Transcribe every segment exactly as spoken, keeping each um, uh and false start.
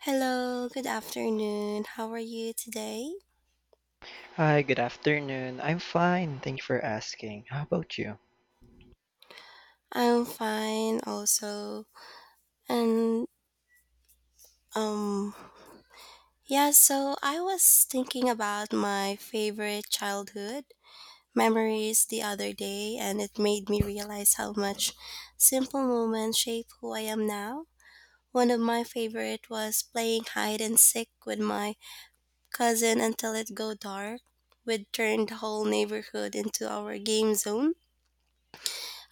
Hello, good afternoon. How are you today? Hi, good afternoon. I'm fine. Thank you for asking. How about you? I'm fine also. And um yeah, so I was thinking about my favorite childhood memories the other day, and it made me realize how much simple moments shape who I am now. One of my favorite was playing hide and seek with my cousin until it go dark. We'd turn the whole neighborhood into our game zone.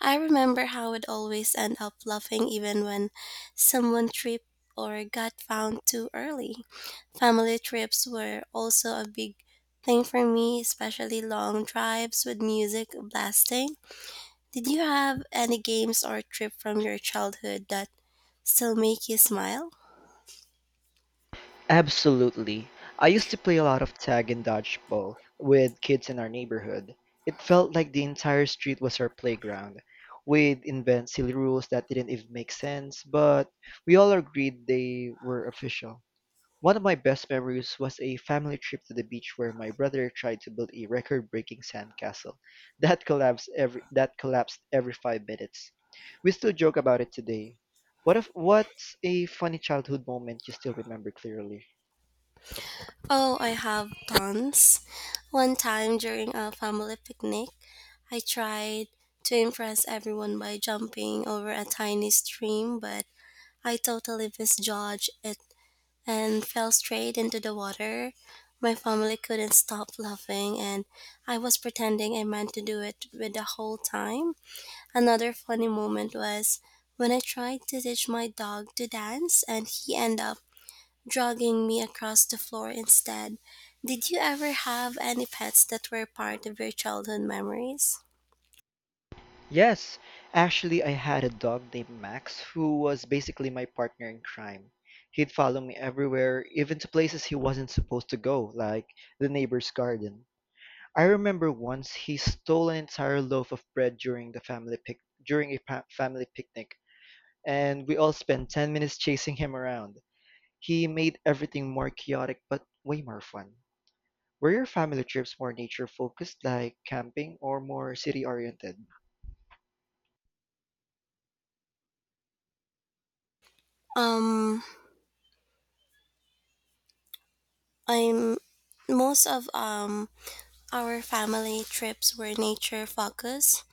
I remember how we'd always end up laughing even when someone tripped or got found too early. Family trips were also a big thing for me, especially long drives with music blasting. Did you have any games or trip from your childhood that still make you smile? Absolutely. I used to play a lot of tag and dodgeball with kids in our neighborhood. It felt like the entire street was our playground. We'd invent silly rules that didn't even make sense, but we all agreed they were official. One of my best memories was a family trip to the beach where my brother tried to build a record-breaking sandcastle that collapsed every that collapsed every five minutes. We still joke about it today. What if what's a funny childhood moment you still remember clearly? Oh, I have tons. One time during a family picnic, I tried to impress everyone by jumping over a tiny stream, but I totally misjudged it and fell straight into the water. My family couldn't stop laughing, and I was pretending I meant to do it with the whole time. Another funny moment was when I tried to teach my dog to dance, and he ended up dragging me across the floor instead. Did you ever have any pets that were part of your childhood memories? Yes, actually, I had a dog named Max who was basically my partner in crime. He'd follow me everywhere, even to places he wasn't supposed to go, like the neighbor's garden. I remember once he stole an entire loaf of bread during the family pic during a pa- family picnic, and we all spent ten minutes chasing him around. He made everything more chaotic but way more fun. Were your family trips more nature focused, like camping, or more city oriented? Um, I'm most of um our family trips were nature focused.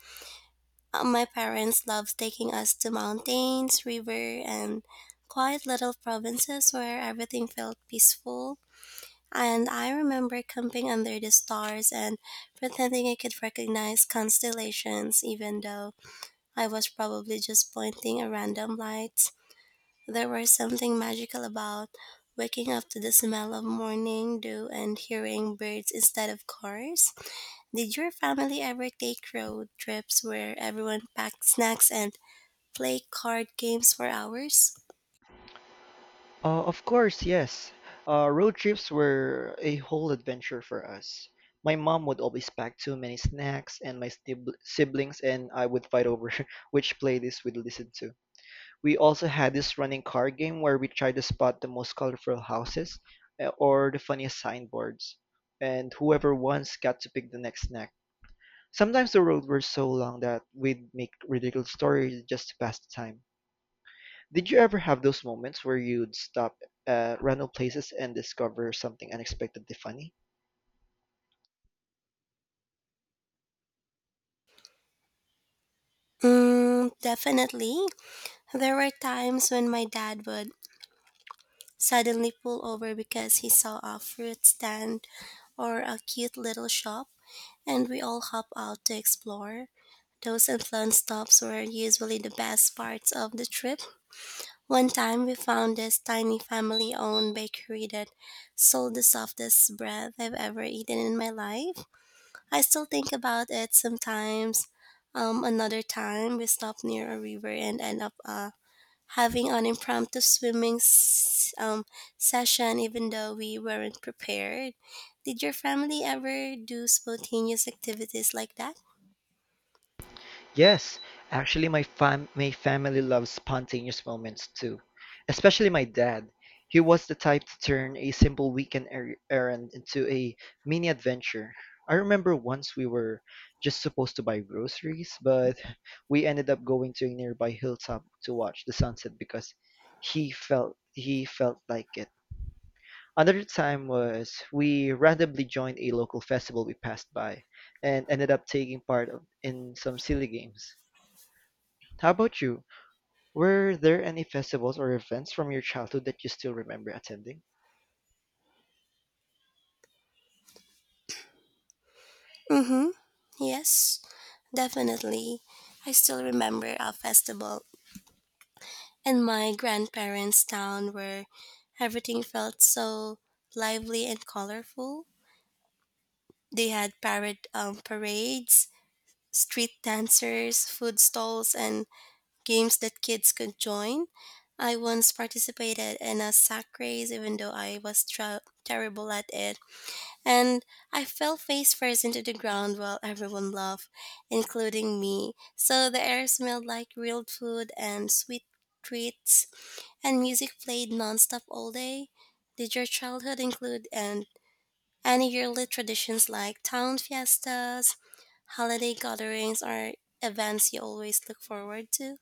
Uh, My parents loved taking us to mountains, river, and quiet little provinces where everything felt peaceful. And I remember camping under the stars and pretending I could recognize constellations, even though I was probably just pointing a random light. There was something magical about waking up to the smell of morning dew and hearing birds instead of cars. Did your family ever take road trips where everyone packed snacks and play card games for hours? Uh, of course, yes. Uh, road trips were a whole adventure for us. My mom would always pack too many snacks, and my sib- siblings and I would fight over which playlist we'd listen to. We also had this running card game where we tried to spot the most colorful houses uh, or the funniest signboards, and whoever wins got to pick the next snack. Sometimes the road were so long that we'd make ridiculous stories just to pass the time. Did you ever have those moments where you'd stop at random places and discover something unexpectedly funny? Mm, definitely. There were times when my dad would suddenly pull over because he saw a fruit stand or a cute little shop, and we all hop out to explore. Those and fun stops were usually the best parts of the trip. One time we found this tiny family owned bakery that sold the softest bread I've ever eaten in my life. I still think about it sometimes. Um, another time we stopped near a river and end up uh, having an impromptu swimming s- um, session even though we weren't prepared. Did your family ever do spontaneous activities like that? Yes, actually, my fam my family loves spontaneous moments too, especially my dad. He was the type to turn a simple weekend er errand into a mini adventure. I remember once we were just supposed to buy groceries, but we ended up going to a nearby hilltop to watch the sunset because he felt he felt like it. Another time was we randomly joined a local festival we passed by and ended up taking part of- in some silly games. How about you? Were there any festivals or events from your childhood that you still remember attending? Mm-hmm. Yes, definitely. I still remember a festival and my grandparents' town where everything felt so lively and colorful. They had parad- um, parades, street dancers, food stalls, and games that kids could join. I once participated in a sack race, even though I was tra- terrible at it, and I fell face first into the ground while everyone laughed, including me. So the air smelled like grilled food and sweet treats and music played nonstop all day? Did your childhood include and any yearly traditions like town fiestas, holiday gatherings, or events you always look forward to?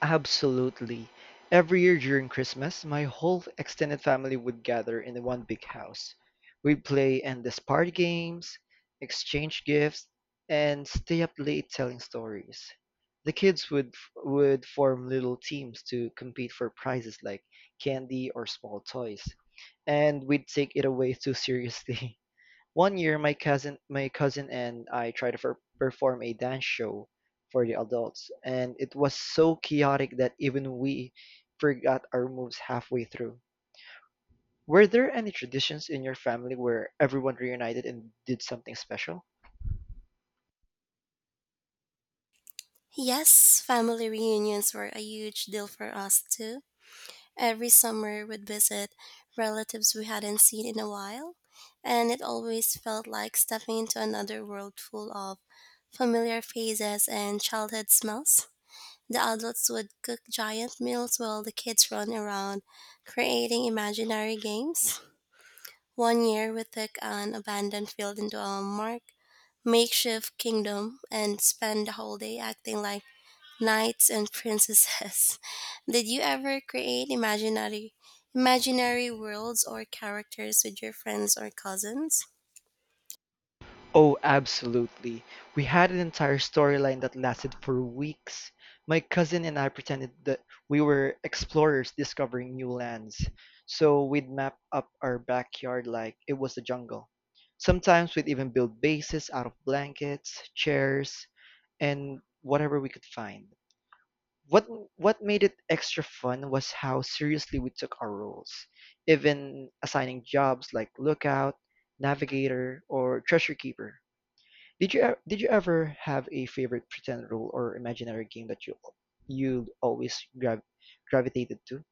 Absolutely. Every year during Christmas, my whole extended family would gather in one big house. We'd play endless party games, exchange gifts, and stay up late telling stories. The kids would would form little teams to compete for prizes like candy or small toys, and we'd take it away too seriously. One year, my cousin, my cousin and I tried to fer- perform a dance show for the adults, and it was so chaotic that even we forgot our moves halfway through. Were there any traditions in your family where everyone reunited and did something special? Yes, family reunions were a huge deal for us too. Every summer we'd visit relatives we hadn't seen in a while, and it always felt like stepping into another world full of familiar faces and childhood smells. The adults would cook giant meals while the kids run around creating imaginary games. One year we took an abandoned field into a mark makeshift kingdom and spent the whole day acting like knights and princesses. Did you ever create imaginary imaginary worlds or characters with your friends or cousins? Oh, absolutely. We had an entire storyline that lasted for weeks. My cousin and I pretended that we were explorers discovering new lands. So we'd map up our backyard like it was a jungle. Sometimes we'd even build bases out of blankets, chairs, and whatever we could find. What what made it extra fun was how seriously we took our roles, even assigning jobs like lookout, navigator, or treasure keeper. Did you e- did you ever have a favorite pretend role or imaginary game that you you always grav gravitated to?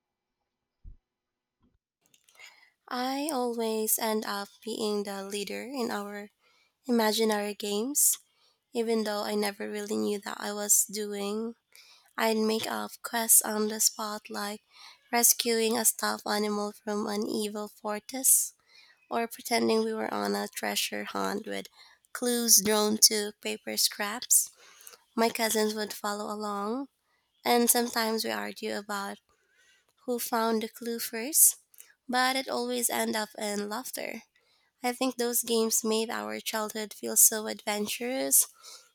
I always end up being the leader in our imaginary games. Even though I never really knew that I was doing, I'd make up quests on the spot like rescuing a stuffed animal from an evil fortress or pretending we were on a treasure hunt with clues drawn to paper scraps. My cousins would follow along, and sometimes we argue about who found the clue first, but it always ended up in laughter. I think those games made our childhood feel so adventurous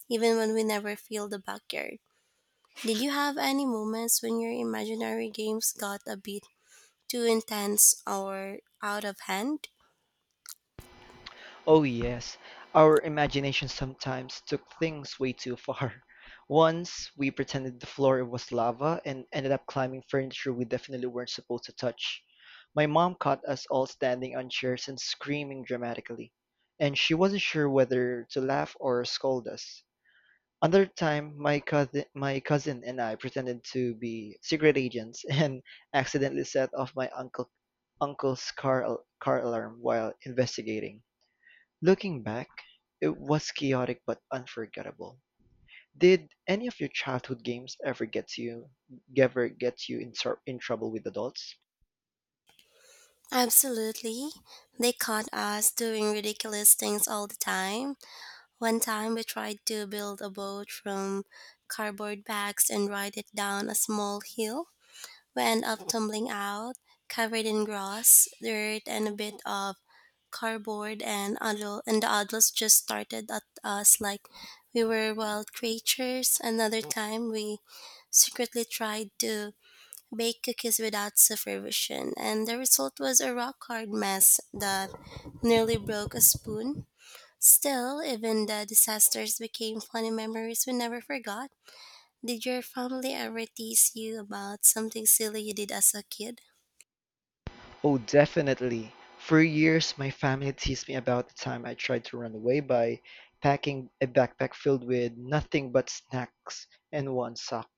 even when we never feel the backyard. Did you have any moments when your imaginary games got a bit too intense or out of hand? Oh, yes. Our imagination sometimes took things way too far. Once, we pretended the floor was lava and ended up climbing furniture we definitely weren't supposed to touch. My mom caught us all standing on chairs and screaming dramatically, and she wasn't sure whether to laugh or scold us. Another time, my cousin, my cousin and I pretended to be secret agents and accidentally set off my uncle uncle's car al- car alarm while investigating. Looking back, it was chaotic but unforgettable. Did any of your childhood games ever get you ever get you in, tr- in trouble with adults? Absolutely. They caught us doing ridiculous things all the time. One time we tried to build a boat from cardboard bags and ride it down a small hill. We end up tumbling out, covered in grass, dirt, and a bit of cardboard, and adult, and the adults just started at us like we were wild creatures. Another time, we secretly tried to bake cookies without supervision, and the result was a rock hard mess that nearly broke a spoon. Still, even the disasters became funny memories we never forgot. Did your family ever tease you about something silly you did as a kid? Oh, definitely. For years, my family teased me about the time I tried to run away by packing a backpack filled with nothing but snacks and one sock.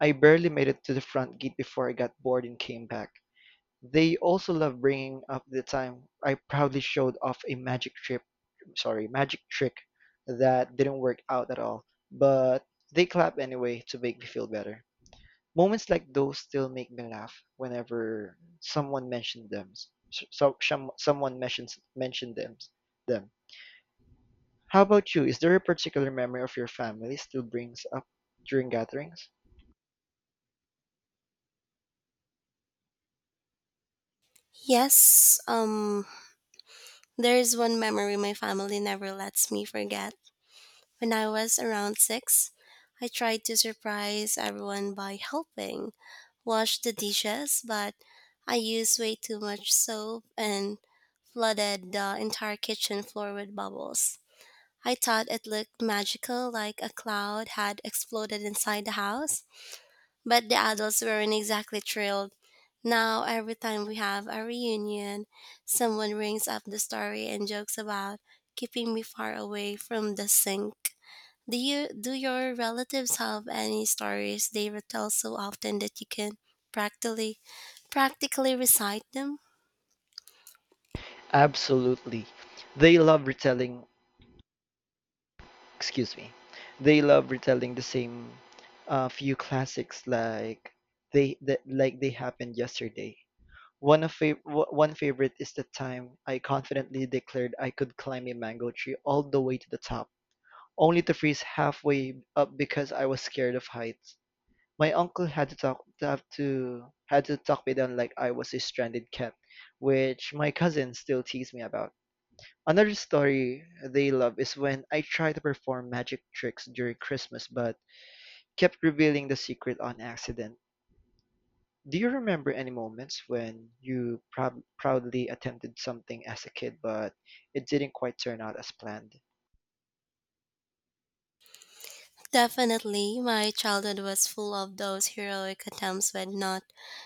I barely made it to the front gate before I got bored and came back. They also love bringing up the time I proudly showed off a magic trip, sorry, magic trick that didn't work out at all, but they clap anyway to make me feel better. Moments like those still make me laugh whenever someone mentions them. So, so, some, someone mentions mention them. Them. How about you? Is there a particular memory of your family still brings up during gatherings? Yes, um, there's one memory my family never lets me forget. When I was around six, I tried to surprise everyone by helping wash the dishes, but I used way too much soap and flooded the entire kitchen floor with bubbles. I thought it looked magical, like a cloud had exploded inside the house, but the adults weren't exactly thrilled. Now, every time we have a reunion, someone brings up the story and jokes about keeping me far away from the sink. Do you do your relatives have any stories they retell so often that you can practically practically recite them? Absolutely. They love retelling, excuse me, they love retelling the same uh, few classics like they that like they happened yesterday. One of fav- wh- one favorite is the time I confidently declared I could climb a mango tree all the way to the top, only to freeze halfway up because I was scared of heights. My uncle had to talk to have to had to talk me down like I was a stranded cat, which my cousin still tease me about. Another story they love is when I tried to perform magic tricks during Christmas but kept revealing the secret on accident. Do you remember any moments when you proud proudly attempted something as a kid but it didn't quite turn out as planned? Definitely, my childhood was full of those heroic attempts with not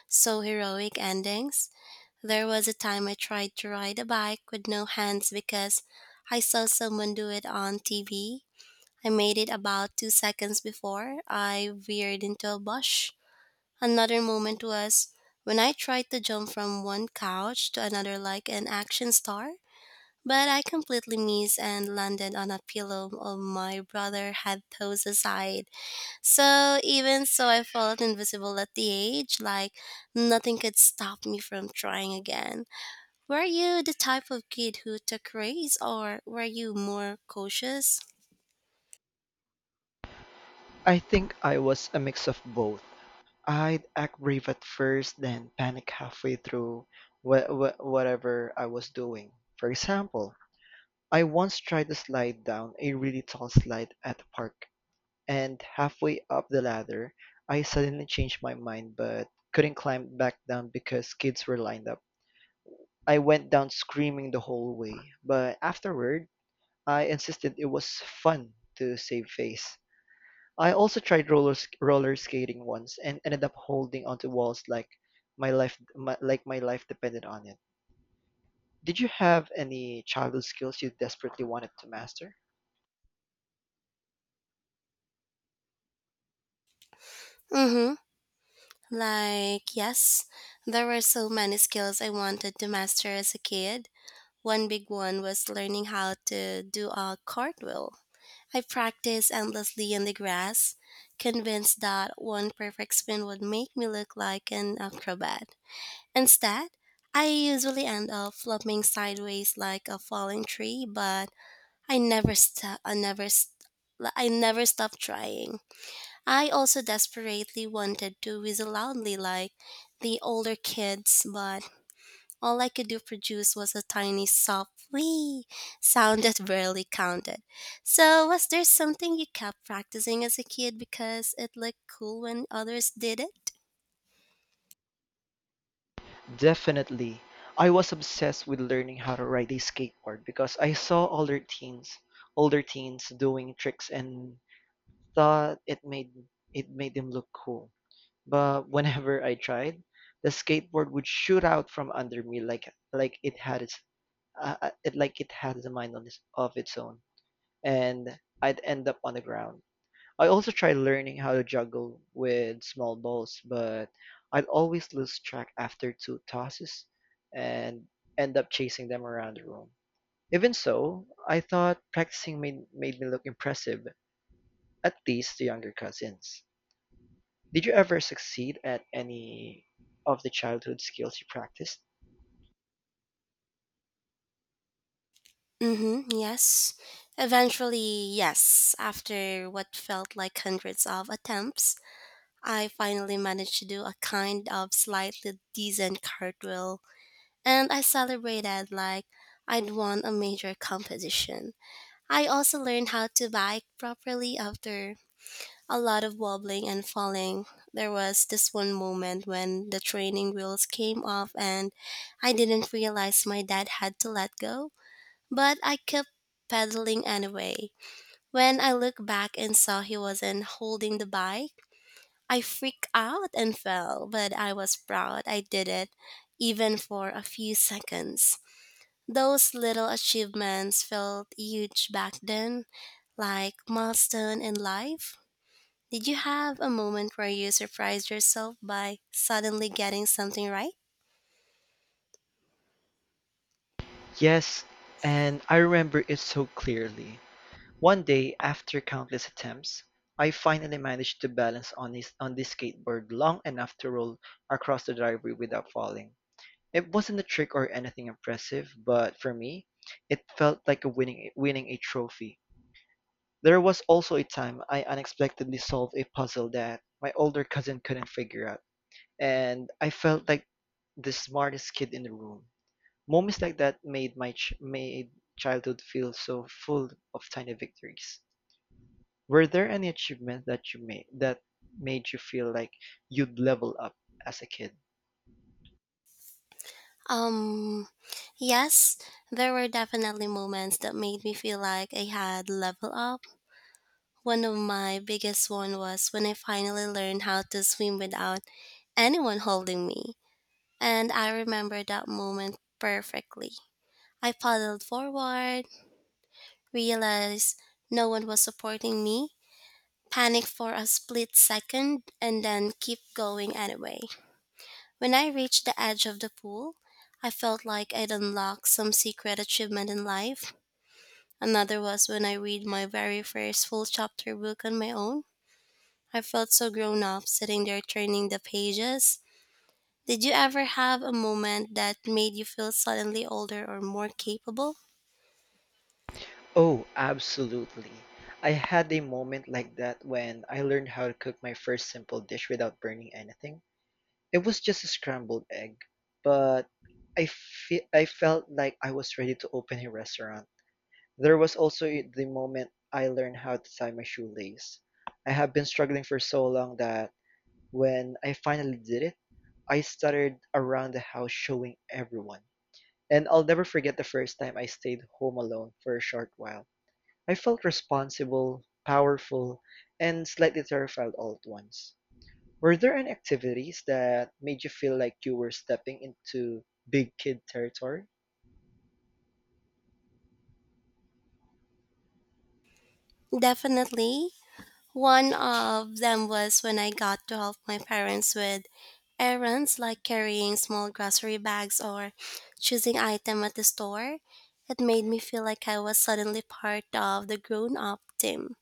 so heroic endings. There was a time I tried to ride a bike with no hands because I saw someone do it on T V. I made it about two seconds before I veered into a bush. Another moment was when I tried to jump from one couch to another like an action star, but I completely missed and landed on a pillow of my brother had tossed aside. So even so, I felt invisible at the age, like nothing could stop me from trying again. Were you the type of kid who took risks or were you more cautious? I think I was a mix of both. I'd act brave at first, then panic halfway through wha- wha- whatever I was doing. For example, I once tried to slide down a really tall slide at the park and halfway up the ladder, I suddenly changed my mind but couldn't climb back down because kids were lined up. I went down screaming the whole way, but afterward, I insisted it was fun to save face. I also tried roller sk- roller skating once and ended up holding onto walls like my life my, like my life depended on it. Did you have any childhood skills you desperately wanted to master? Mm-hmm. Like, yes, there were so many skills I wanted to master as a kid. One big one was learning how to do a cartwheel. I practiced endlessly in the grass, convinced that one perfect spin would make me look like an acrobat. Instead, I usually end up flopping sideways like a falling tree, but I never stop. I never. St- I never stopped trying. I also desperately wanted to whistle loudly like the older kids, but all I could do produce was a tiny soft wee sound that barely counted. So, was there something you kept practicing as a kid because it looked cool when others did it? Definitely. I was obsessed with learning how to ride a skateboard because I saw older teens, older teens doing tricks and thought it made it made them look cool. But whenever I tried, the skateboard would shoot out from under me like like it had its uh, uh, it like it had a mind on its, of its own, and I'd end up on the ground. I also tried learning how to juggle with small balls, but I'd always lose track after two tosses and end up chasing them around the room. Even so, I thought practicing made, made me look impressive, at least to younger cousins. Did you ever succeed at any of the childhood skills you practiced? Mm-hmm, yes. Eventually, yes, after what felt like hundreds of attempts, I finally managed to do a kind of slightly decent cartwheel, and I celebrated like I'd won a major competition. I also learned how to bike properly after a lot of wobbling and falling. There was this one moment when the training wheels came off and I didn't realize my dad had to let go, but I kept pedaling anyway. When I looked back and saw he wasn't holding the bike, I freaked out and fell, but I was proud I did it, even for a few seconds. Those little achievements felt huge back then, like milestone in life. Did you have a moment where you surprised yourself by suddenly getting something right? Yes, and I remember it so clearly. One day, after countless attempts, I finally managed to balance on his on the skateboard long enough to roll across the driveway without falling. It wasn't a trick or anything impressive, but for me, it felt like a winning winning a trophy. There was also a time I unexpectedly solved a puzzle that my older cousin couldn't figure out, and I felt like the smartest kid in the room. Moments like that made my ch- made childhood feel so full of tiny victories. Were there any achievements that you made that made you feel like you'd level up as a kid? Um, yes, there were definitely moments that made me feel like I had level up. One of my biggest one was when I finally learned how to swim without anyone holding me. And I remember that moment perfectly. I paddled forward, realized no one was supporting me, panicked for a split second, and then keep going anyway. When I reached the edge of the pool, I felt like I'd unlocked some secret achievement in life. Another was when I read my very first full chapter book on my own. I felt so grown up sitting there turning the pages. Did you ever have a moment that made you feel suddenly older or more capable? Oh, absolutely. I had a moment like that when I learned how to cook my first simple dish without burning anything. It was just a scrambled egg, but I fe- I felt like I was ready to open a restaurant. There was also the moment I learned how to tie my shoelace. I have been struggling for so long that when I finally did it, I stuttered around the house showing everyone. And I'll never forget the first time I stayed home alone for a short while. I felt responsible, powerful, and slightly terrified all at once. Were there any activities that made you feel like you were stepping into big kid territory? Definitely. One of them was when I got to help my parents with errands like carrying small grocery bags or choosing item at the store. It made me feel like I was suddenly part of the grown-up team.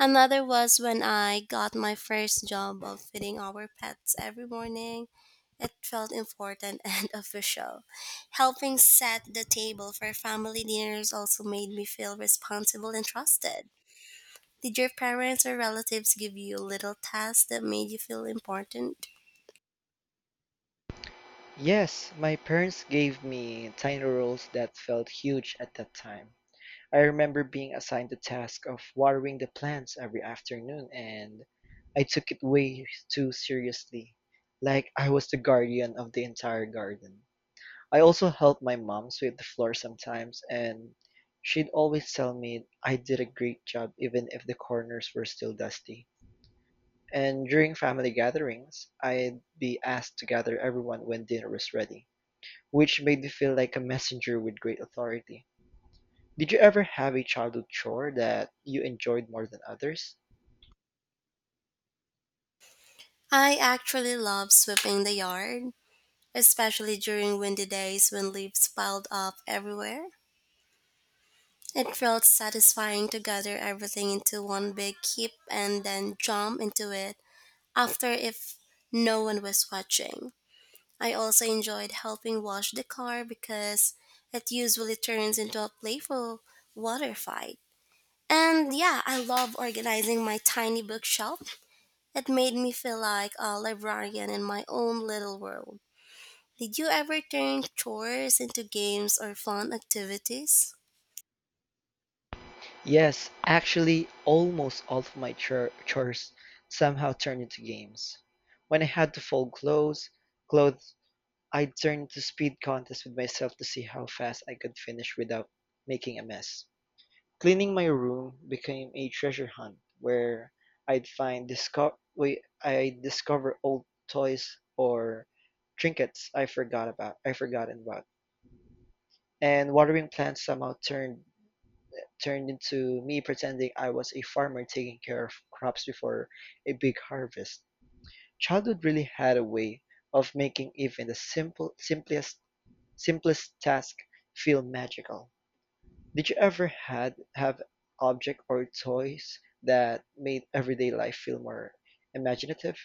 Another was when I got my first job of feeding our pets every morning. It felt important and official. Helping set the table for family dinners also made me feel responsible and trusted. Did your parents or relatives give you little tasks that made you feel important? Yes, my parents gave me tiny roles that felt huge at that time. I remember being assigned the task of watering the plants every afternoon, and I took it way too seriously, like I was the guardian of the entire garden. I also helped my mom sweep the floor sometimes, and she'd always tell me I did a great job even if the corners were still dusty. And during family gatherings, I'd be asked to gather everyone when dinner was ready, which made me feel like a messenger with great authority. Did you ever have a childhood chore that you enjoyed more than others? I actually love sweeping the yard, especially during windy days when leaves piled up everywhere. It felt satisfying to gather everything into one big heap and then jump into it after if no one was watching. I also enjoyed helping wash the car because it usually turns into a playful water fight. And yeah, I love organizing my tiny bookshelf. It made me feel like a librarian in my own little world. Did you ever turn chores into games or fun activities? Yes, actually, almost all of my chur- chores somehow turned into games. When I had to fold clothes, clothes, I'd turn to speed contests with myself to see how fast I could finish without making a mess. Cleaning my room became a treasure hunt where I'd find disco- wait, I'd discover old toys or trinkets I forgot about I forgotten about. And watering plants somehow turned turned into me pretending I was a farmer taking care of crops before a big harvest. Childhood really had a way of making even the simple simplest simplest task feel magical. Did you ever had have object or toys that made everyday life feel more imaginative?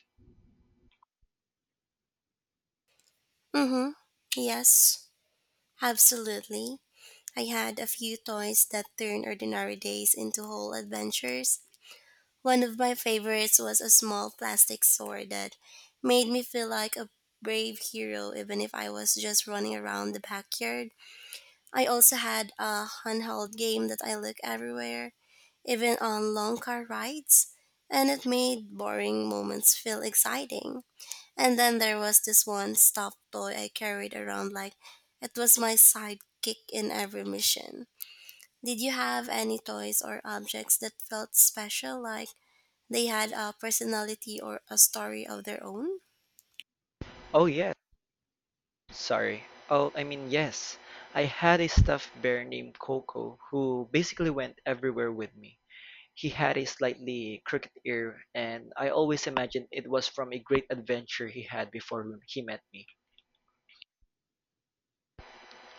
Mm hmm. Yes. Absolutely. I had a few toys that turned ordinary days into whole adventures. One of my favorites was a small plastic sword that made me feel like a brave hero, even if I was just running around the backyard. I also had a handheld game that I look everywhere, even on long car rides, and it made boring moments feel exciting. And then there was this one stuffed toy I carried around like it was my sidekick in every mission. Did you have any toys or objects that felt special, like they had a personality or a story of their own? Oh yes, sorry. Oh, I mean yes. I had a stuffed bear named Coco who basically went everywhere with me. He had a slightly crooked ear, and I always imagined it was from a great adventure he had before he met me.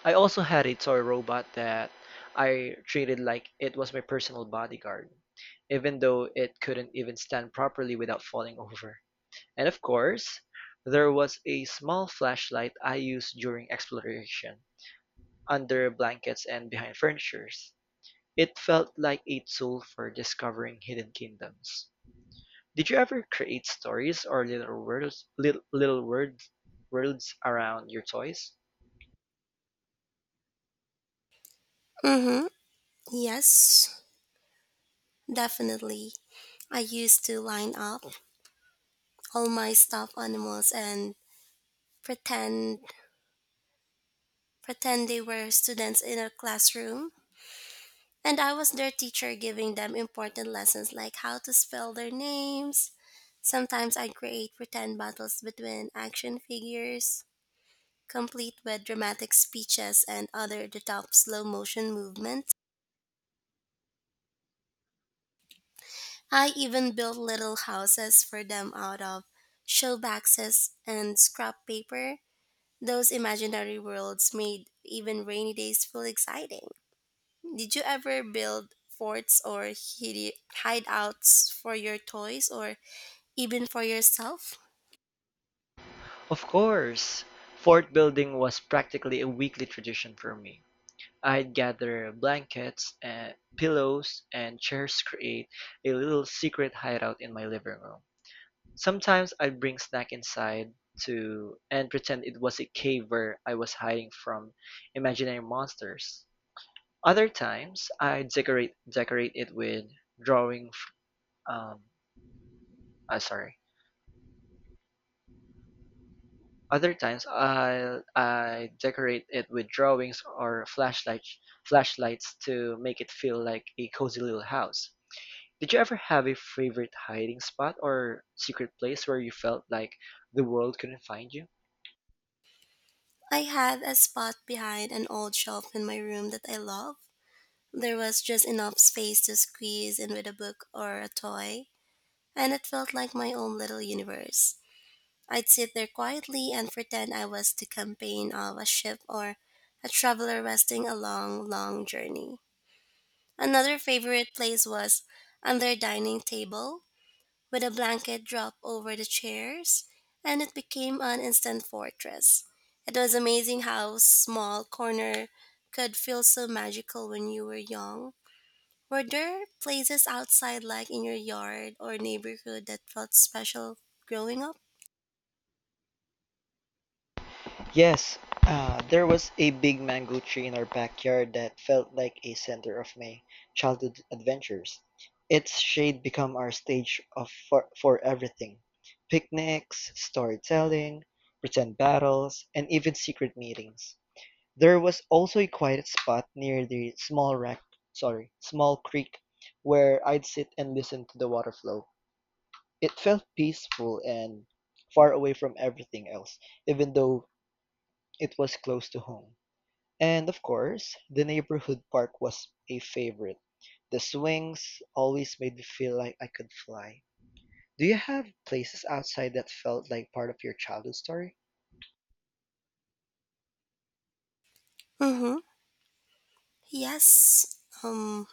I also had a toy robot that I treated like it was my personal bodyguard, even though it couldn't even stand properly without falling over. And of course, there was a small flashlight I used during exploration, under blankets and behind furnitures. It felt like a tool for discovering hidden kingdoms. Did you ever create stories or little worlds, little, little world, worlds around your toys? Mm-hmm. Yes, definitely. I used to line up all my stuffed animals and pretend pretend they were students in a classroom. And I was their teacher, giving them important lessons like how to spell their names. Sometimes I create pretend battles between action figures, complete with dramatic speeches and other the top slow motion movements. I even build little houses for them out of show boxes and scrap paper. Those imaginary worlds made even rainy days feel exciting. Did you ever build forts or hide- hideouts for your toys or even for yourself? Of course. Fort building was practically a weekly tradition for me. I'd gather blankets and pillows and chairs to create a little secret hideout in my living room. Sometimes I'd bring snack inside to and pretend it was a cave where I was hiding from imaginary monsters. Other times I'd decorate decorate it with drawing Um, uh, sorry. Other times, I I decorate it with drawings or flashlight flashlights to make it feel like a cozy little house. Did you ever have a favorite hiding spot or secret place where you felt like the world couldn't find you? I had a spot behind an old shelf in my room that I love. There was just enough space to squeeze in with a book or a toy, and it felt like my own little universe. I'd sit there quietly and pretend I was the captain of a ship or a traveler resting a long, long journey. Another favorite place was on their dining table with a blanket draped over the chairs, and it became an instant fortress. It was amazing how small corner could feel so magical when you were young. Were there places outside, like in your yard or neighborhood, that felt special growing up? Yes, uh, there was a big mango tree in our backyard that felt like a center of my childhood adventures. Its shade became our stage of for, for everything: picnics, storytelling, pretend battles, and even secret meetings. There was also a quiet spot near the small rack, sorry, small creek where I'd sit and listen to the water flow. It felt peaceful and far away from everything else, even though it was close to home. And, of course, the neighborhood park was a favorite. The swings always made me feel like I could fly. Do you have places outside that felt like part of your childhood story? Mm-hmm. Yes. Um,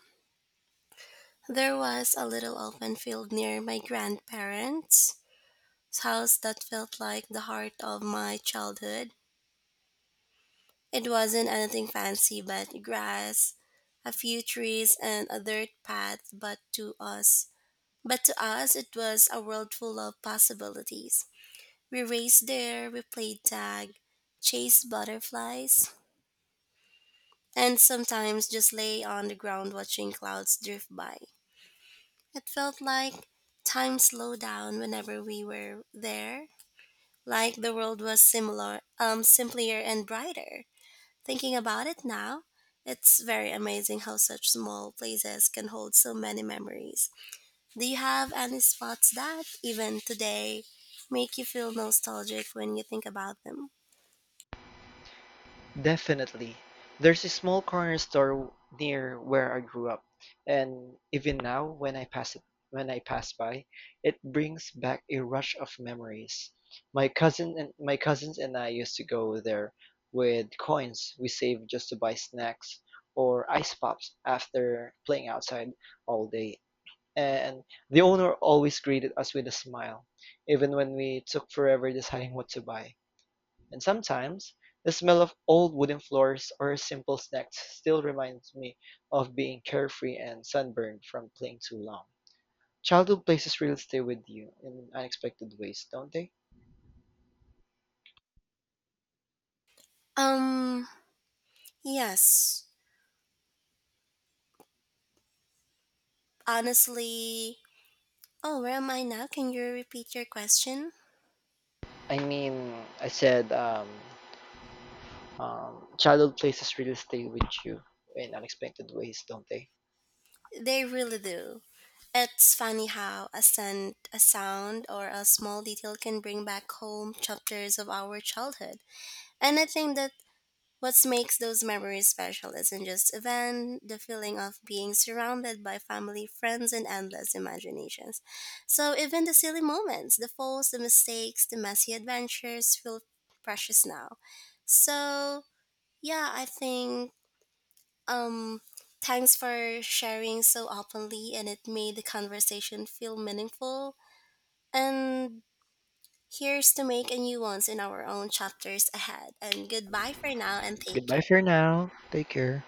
there was a little open field near my grandparents' house that felt like the heart of my childhood. It wasn't anything fancy, but grass, a few trees, and a dirt path. But to us, but to us, it was a world full of possibilities. We raced there, we played tag, chased butterflies, and sometimes just lay on the ground watching clouds drift by. It felt like time slowed down whenever we were there, like the world was similar, um, simpler and brighter. Thinking about it now, it's very amazing how such small places can hold so many memories. Do you have any spots that, even today, make you feel nostalgic when you think about them? Definitely. There's a small corner store near where I grew up, and even now when I pass it when I pass by, it brings back a rush of memories. My cousin and my cousins and I used to go there with coins we saved just to buy snacks or ice pops after playing outside all day. And the owner always greeted us with a smile, even when we took forever deciding what to buy. And sometimes, the smell of old wooden floors or simple snacks still reminds me of being carefree and sunburned from playing too long. Childhood places really stay with you in unexpected ways, don't they? Um, yes. Honestly, oh, where am I now? Can you repeat your question? I mean, I said um, um, childhood places really stay with you in unexpected ways, don't they? They really do. It's funny how a scent, a sound, or a small detail can bring back home chapters of our childhood. And I think that what makes those memories special isn't just event, the feeling of being surrounded by family, friends, and endless imaginations. So even the silly moments, the falls, the mistakes, the messy adventures feel precious now. So yeah, I think um thanks for sharing so openly, and it made the conversation feel meaningful. And here's to make a new ones in our own chapters ahead. And goodbye for now, and take Goodbye care. for now. Take care.